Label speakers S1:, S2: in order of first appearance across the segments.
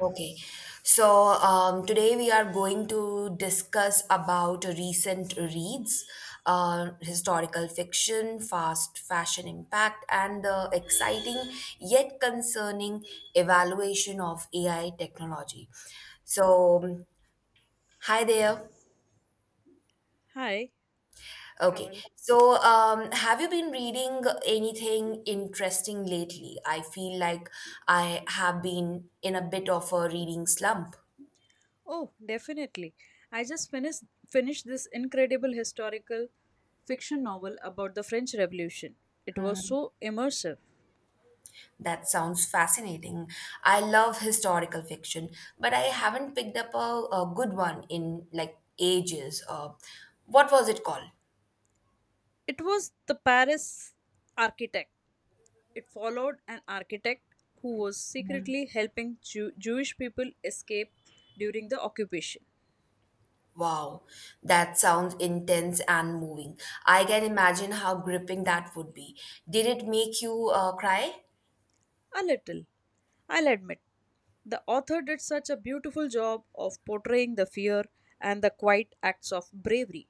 S1: Okay, so today we are going to discuss about recent reads, historical fiction, fast fashion impact, and the exciting yet concerning evaluation of AI technology. So, hi there.
S2: Hi.
S1: Okay,
S2: Kaval.
S1: so have you been reading anything interesting lately? I feel like I have been in a bit of a reading slump.
S2: Oh, definitely. I just finished this incredible historical fiction novel about the French Revolution. It was so immersive.
S1: That sounds fascinating. I love historical fiction, but I haven't picked up a good one in like ages. What was it called?
S2: It was the Paris architect. It followed an architect who was secretly helping Jewish people escape during the occupation.
S1: Wow, that sounds intense and moving. I can imagine how gripping that would be. Did it make you cry?
S2: A little, I'll admit. The author did such a beautiful job of portraying the fear and the quiet acts of bravery.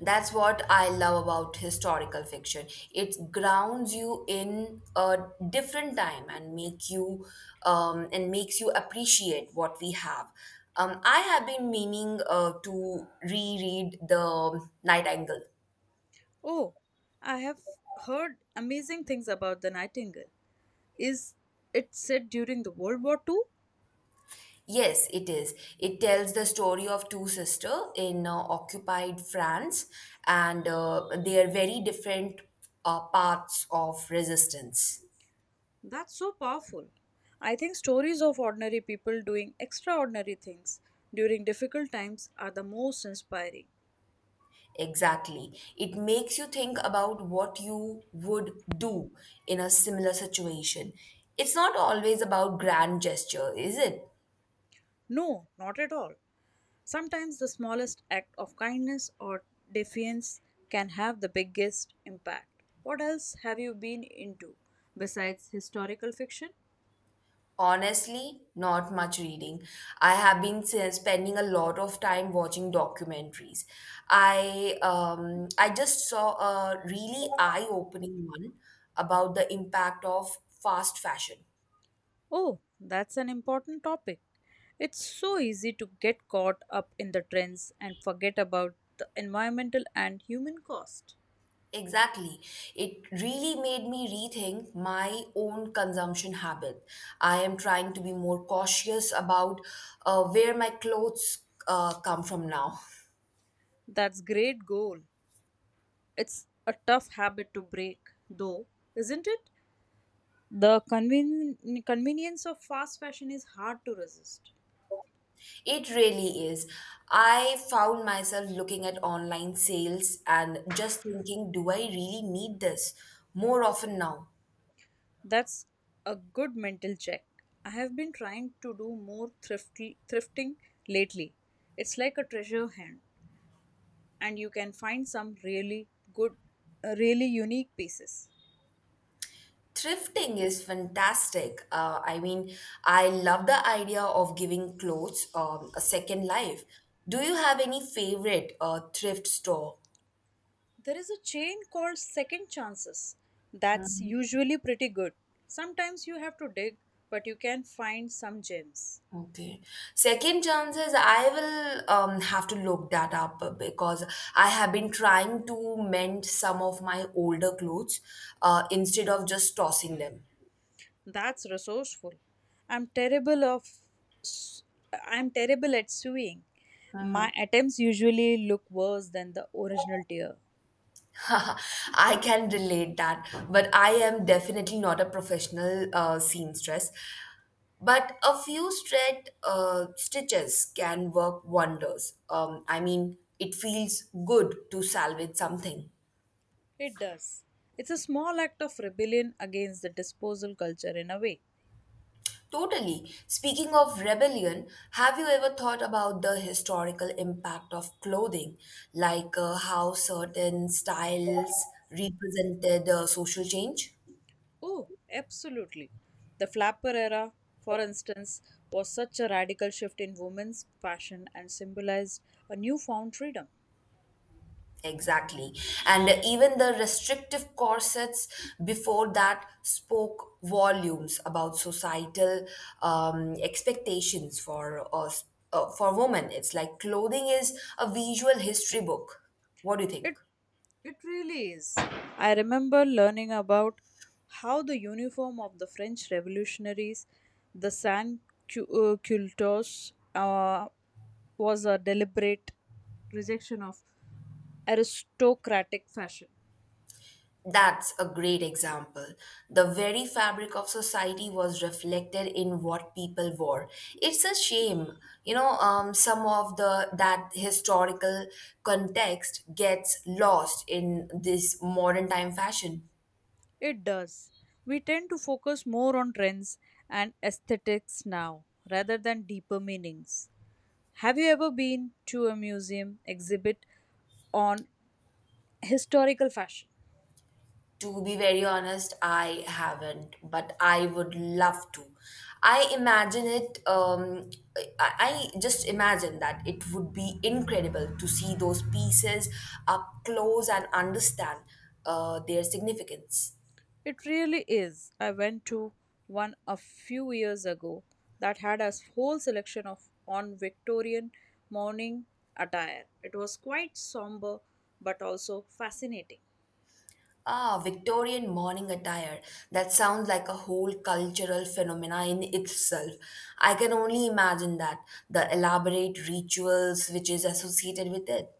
S1: That's what I love about historical fiction. It grounds you in a different time and make you and makes you appreciate what we have. I have been meaning to reread The Nightingale.
S2: Oh, I have heard amazing things about the nightingale. Is it said during the World War II?
S1: Yes, it is. It tells the story of two sisters in occupied France and they are very different paths of resistance.
S2: That's so powerful. I think stories of ordinary people doing extraordinary things during difficult times are the most inspiring.
S1: Exactly. It makes you think about what you would do in a similar situation. It's not always about grand gesture, is it?
S2: No, not at all. Sometimes the smallest act of kindness or defiance can have the biggest impact. What else have you been into besides historical fiction?
S1: Honestly, not much reading. I have been spending a lot of time watching documentaries. I just saw a really eye-opening one about the impact of fast fashion.
S2: Oh, that's an important topic. It's so easy to get caught up in the trends and forget about the environmental and human cost.
S1: Exactly. It really made me rethink my own consumption habit. I am trying to be more cautious about where my clothes come from now.
S2: That's great goal. It's a tough habit to break, though, isn't it? The convenience of fast fashion is hard to resist.
S1: It really is. I found myself looking at online sales and just thinking, do I really need this more often now?
S2: That's a good mental check. I have been trying to do more thrifting lately. It's like a treasure hunt. And you can find some really good, really unique pieces.
S1: Thrifting is fantastic. I mean, I love the idea of giving clothes a second life. Do you have any favorite thrift store?
S2: There is a chain called Second Chances that's usually pretty good. Sometimes you have to dig, but you can find some gems.
S1: Okay. Second chances, I will have to look that up because I have been trying to mend some of my older clothes instead of just tossing them.
S2: That's resourceful. I'm terrible of I'm terrible at sewing. My attempts usually look worse than the original tear.
S1: I can relate that, but I am definitely not a professional seamstress. But a few straight stitches can work wonders. I mean, it feels good to salvage something.
S2: It does. It's a small act of rebellion against the disposal culture in a way.
S1: Totally. Speaking of rebellion, have you ever thought about the historical impact of clothing, like how certain styles represented social change?
S2: Oh, absolutely. The flapper era, for instance, was such a radical shift in women's fashion and symbolized a newfound freedom.
S1: Exactly. And even the restrictive corsets before that spoke volumes about societal expectations for us, for women. It's like clothing is a visual history book. What do you think?
S2: It it really is. I remember learning about how the uniform of the French revolutionaries, the sans culottes, was a deliberate rejection of aristocratic fashion.
S1: That's a great example. The very fabric of society was reflected in what people wore. It's a shame, you know, some of the that historical context gets lost in this modern time fashion.
S2: It does. We tend to focus more on trends and aesthetics now rather than deeper meanings. Have you ever been to a museum exhibit on historical fashion?
S1: To be very honest, I haven't, but I would love to. I imagine it, um, I just imagine that it would be incredible to see those pieces up close and understand their significance.
S2: It really is. I went to one a few years ago that had a whole selection of on Victorian morning attire. It was quite somber but also fascinating.
S1: Ah, Victorian morning attire. That sounds like a whole cultural phenomena in itself. I can only imagine that, the elaborate rituals which is associated with it.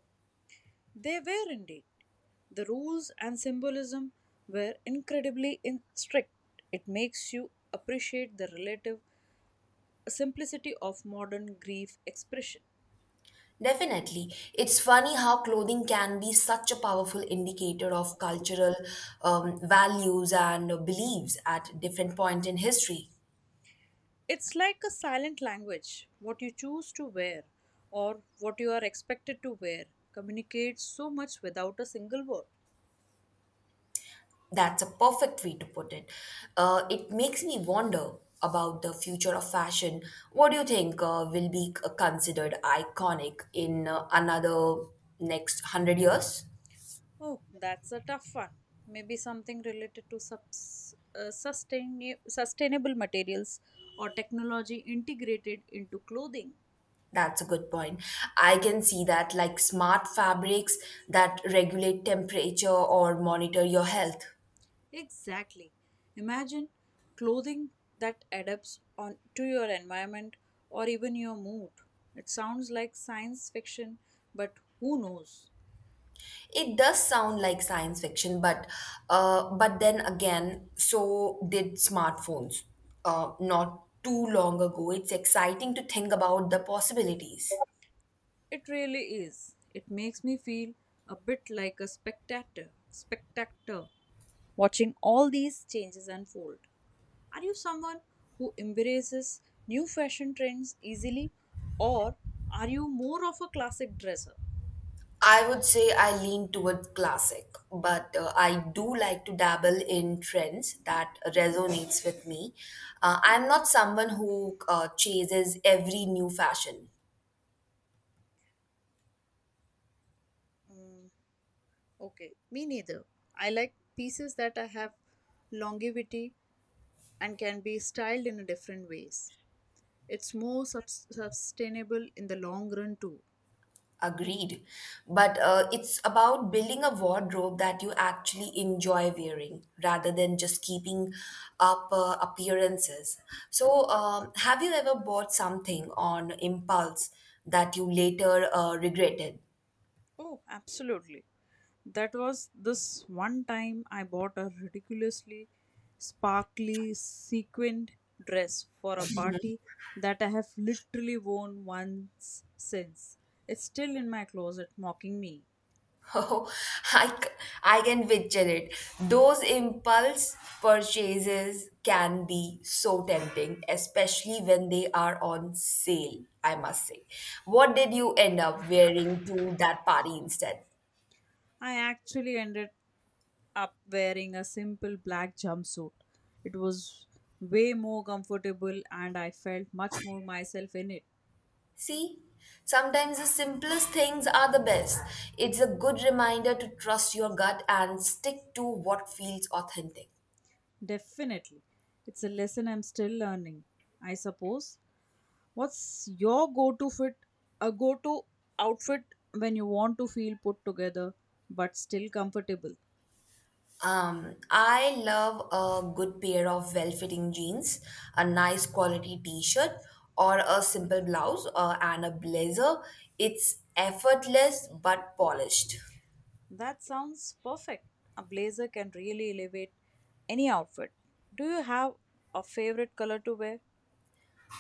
S2: They were indeed. The rules and symbolism were incredibly strict. It makes you appreciate the relative simplicity of modern grief expression.
S1: Definitely. It's funny how clothing can be such a powerful indicator of cultural values and beliefs at different points in history.
S2: It's like a silent language. What you choose to wear or what you are expected to wear communicates so much without a single word.
S1: That's a perfect way to put it. It makes me wonder about the future of fashion. What do you think will be considered iconic in another next 100 years?
S2: Oh, that's a tough one. Maybe something related to sustainable materials or technology integrated into clothing.
S1: That's a good point. I can see that, like smart fabrics that regulate temperature or monitor your health.
S2: Exactly. Imagine clothing that adapts on to your environment or even your mood. It sounds like science fiction, but who knows?
S1: It does sound like science fiction, but then again, so did smartphones. Not too long ago, it's exciting to think about the possibilities.
S2: It really is. It makes me feel a bit like a spectator watching all these changes unfold. Are you someone who embraces new fashion trends easily or are you more of a classic dresser?
S1: I would say I lean toward classic, but I do like to dabble in trends that resonates with me. I'm not someone who chases every new fashion.
S2: Mm, okay, me neither. I like pieces that I have longevity and can be styled in different ways. It's more sub sustainable in the long run too.
S1: Agreed. But it's about building a wardrobe that you actually enjoy wearing rather than just keeping up appearances. So, have you ever bought something on impulse that you later regretted?
S2: Oh, absolutely. That was this one time I bought a ridiculously sparkly sequined dress for a party that I have literally worn once since. It's still in my closet mocking me.
S1: Oh, I, c- I can picture it. Those impulse purchases can be so tempting, especially when they are on sale, I must say. What did you end up wearing to that party instead?
S2: I actually ended up wearing a simple black jumpsuit. It was way more comfortable and I felt much more myself in it.
S1: See, sometimes the simplest things are the best. It's a good reminder to trust your gut and stick to what feels authentic.
S2: Definitely. It's a lesson I'm still learning, I suppose. What's your go to outfit when you want to feel put together but still comfortable?
S1: I love a good pair of well-fitting jeans, a nice quality t-shirt, or a simple blouse and a blazer. It's effortless but polished.
S2: That sounds perfect. A blazer can really elevate any outfit. Do you have a favorite color to wear?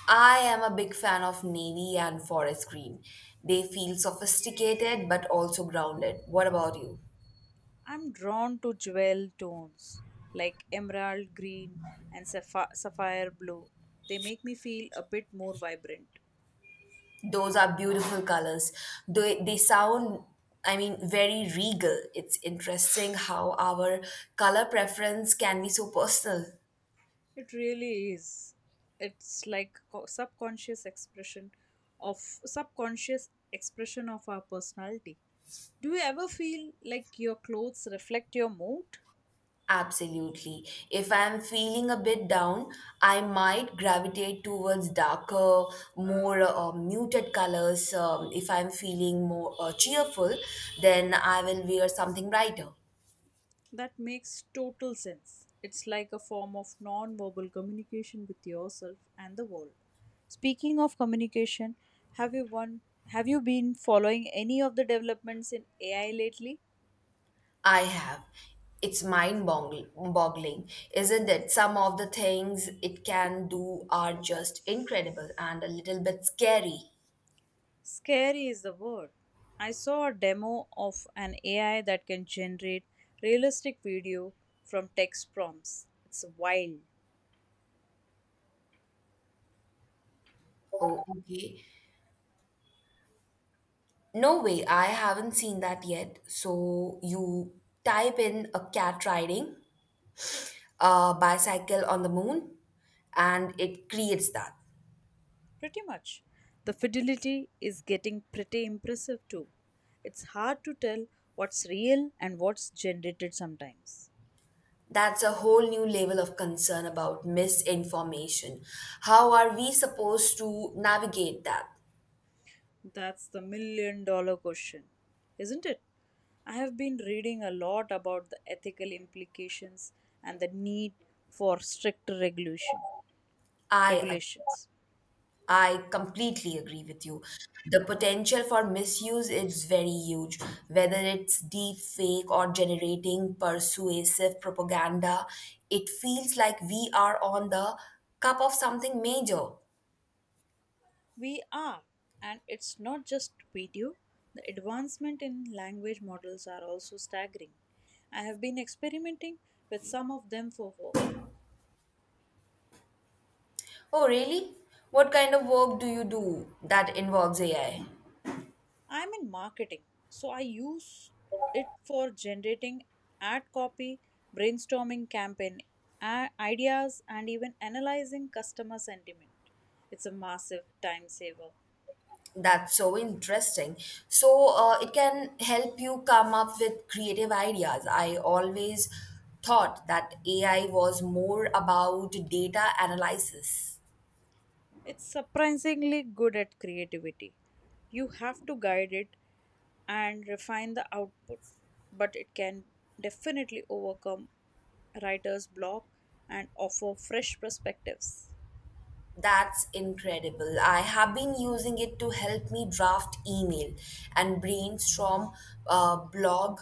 S1: I am a big fan of navy and forest green. They feel sophisticated but also grounded. What about you?
S2: I'm drawn to jewel tones like emerald green and sapphire blue. They make me feel a bit more vibrant.
S1: Those are beautiful colors. They sound, I mean, very regal. It's interesting how our color preference can be so personal.
S2: It really is. It's like of subconscious expression of our personality. Do you ever feel like your clothes reflect your mood?
S1: Absolutely. If I'm feeling a bit down, I might gravitate towards darker, more muted colors. If I'm feeling more cheerful, then I will wear something brighter.
S2: That makes total sense. It's like a form of non-verbal communication with yourself and the world. Speaking of communication, have you one have you been following any of the developments in AI lately?
S1: I have. It's mind boggling, isn't it? Some of the things it can do are just incredible and a little bit scary.
S2: Scary is the word. I saw a demo of an AI that can generate realistic video from text prompts. It's wild.
S1: Oh, okay. No way, I haven't seen that yet. So you type in a cat riding a bicycle on the moon and it creates that?
S2: Pretty much. The fidelity is getting pretty impressive too. It's hard to tell what's real and what's generated sometimes.
S1: That's a whole new level of concern about misinformation. How are we supposed to navigate that?
S2: That's the million-dollar question, isn't it? I have been reading a lot about the ethical implications and the need for stricter
S1: I ag-
S2: regulations.
S1: I completely agree with you. The potential for misuse is very huge, whether it's deep fake or generating persuasive propaganda. It feels like we are on the cup of something major.
S2: We are, and it's not just video. The advancement in language models are also staggering. I have been experimenting with some of them for work.
S1: Oh, really? What kind of work do you do that involves AI?
S2: I'm in marketing, so I use it for generating ad copy, brainstorming campaign ideas, and even analyzing customer sentiment. It's a massive time saver.
S1: That's so interesting. So, it can help you come up with creative ideas. I always thought that AI was more about data analysis.
S2: It's surprisingly good at creativity. You have to guide it and refine the output, but it can definitely overcome writer's block and offer fresh perspectives.
S1: That's incredible. I have been using it to help me draft email and brainstorm blog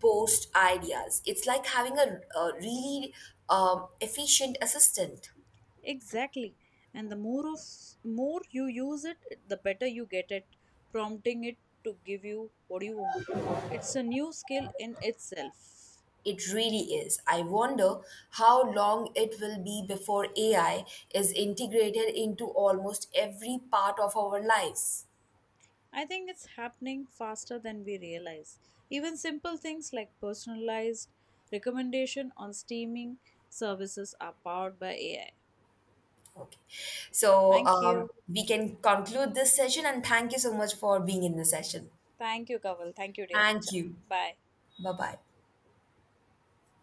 S1: post ideas. It's like having a really efficient assistant.
S2: Exactly. And the more of more you use it, the better you get at prompting it to give you what you want. It's a new skill in itself.
S1: It really is. I wonder how long it will be before AI is integrated into almost every part of our lives.
S2: I think it's happening faster than we realize. Even simple things like personalized recommendation on streaming services are powered by AI.
S1: Okay. So
S2: Thank you.
S1: we can conclude this session and thank you so much for being in the session.
S2: Thank you, Kaval. Thank you, dear. Ch-
S1: Thank you.
S2: Bye.
S1: Bye bye.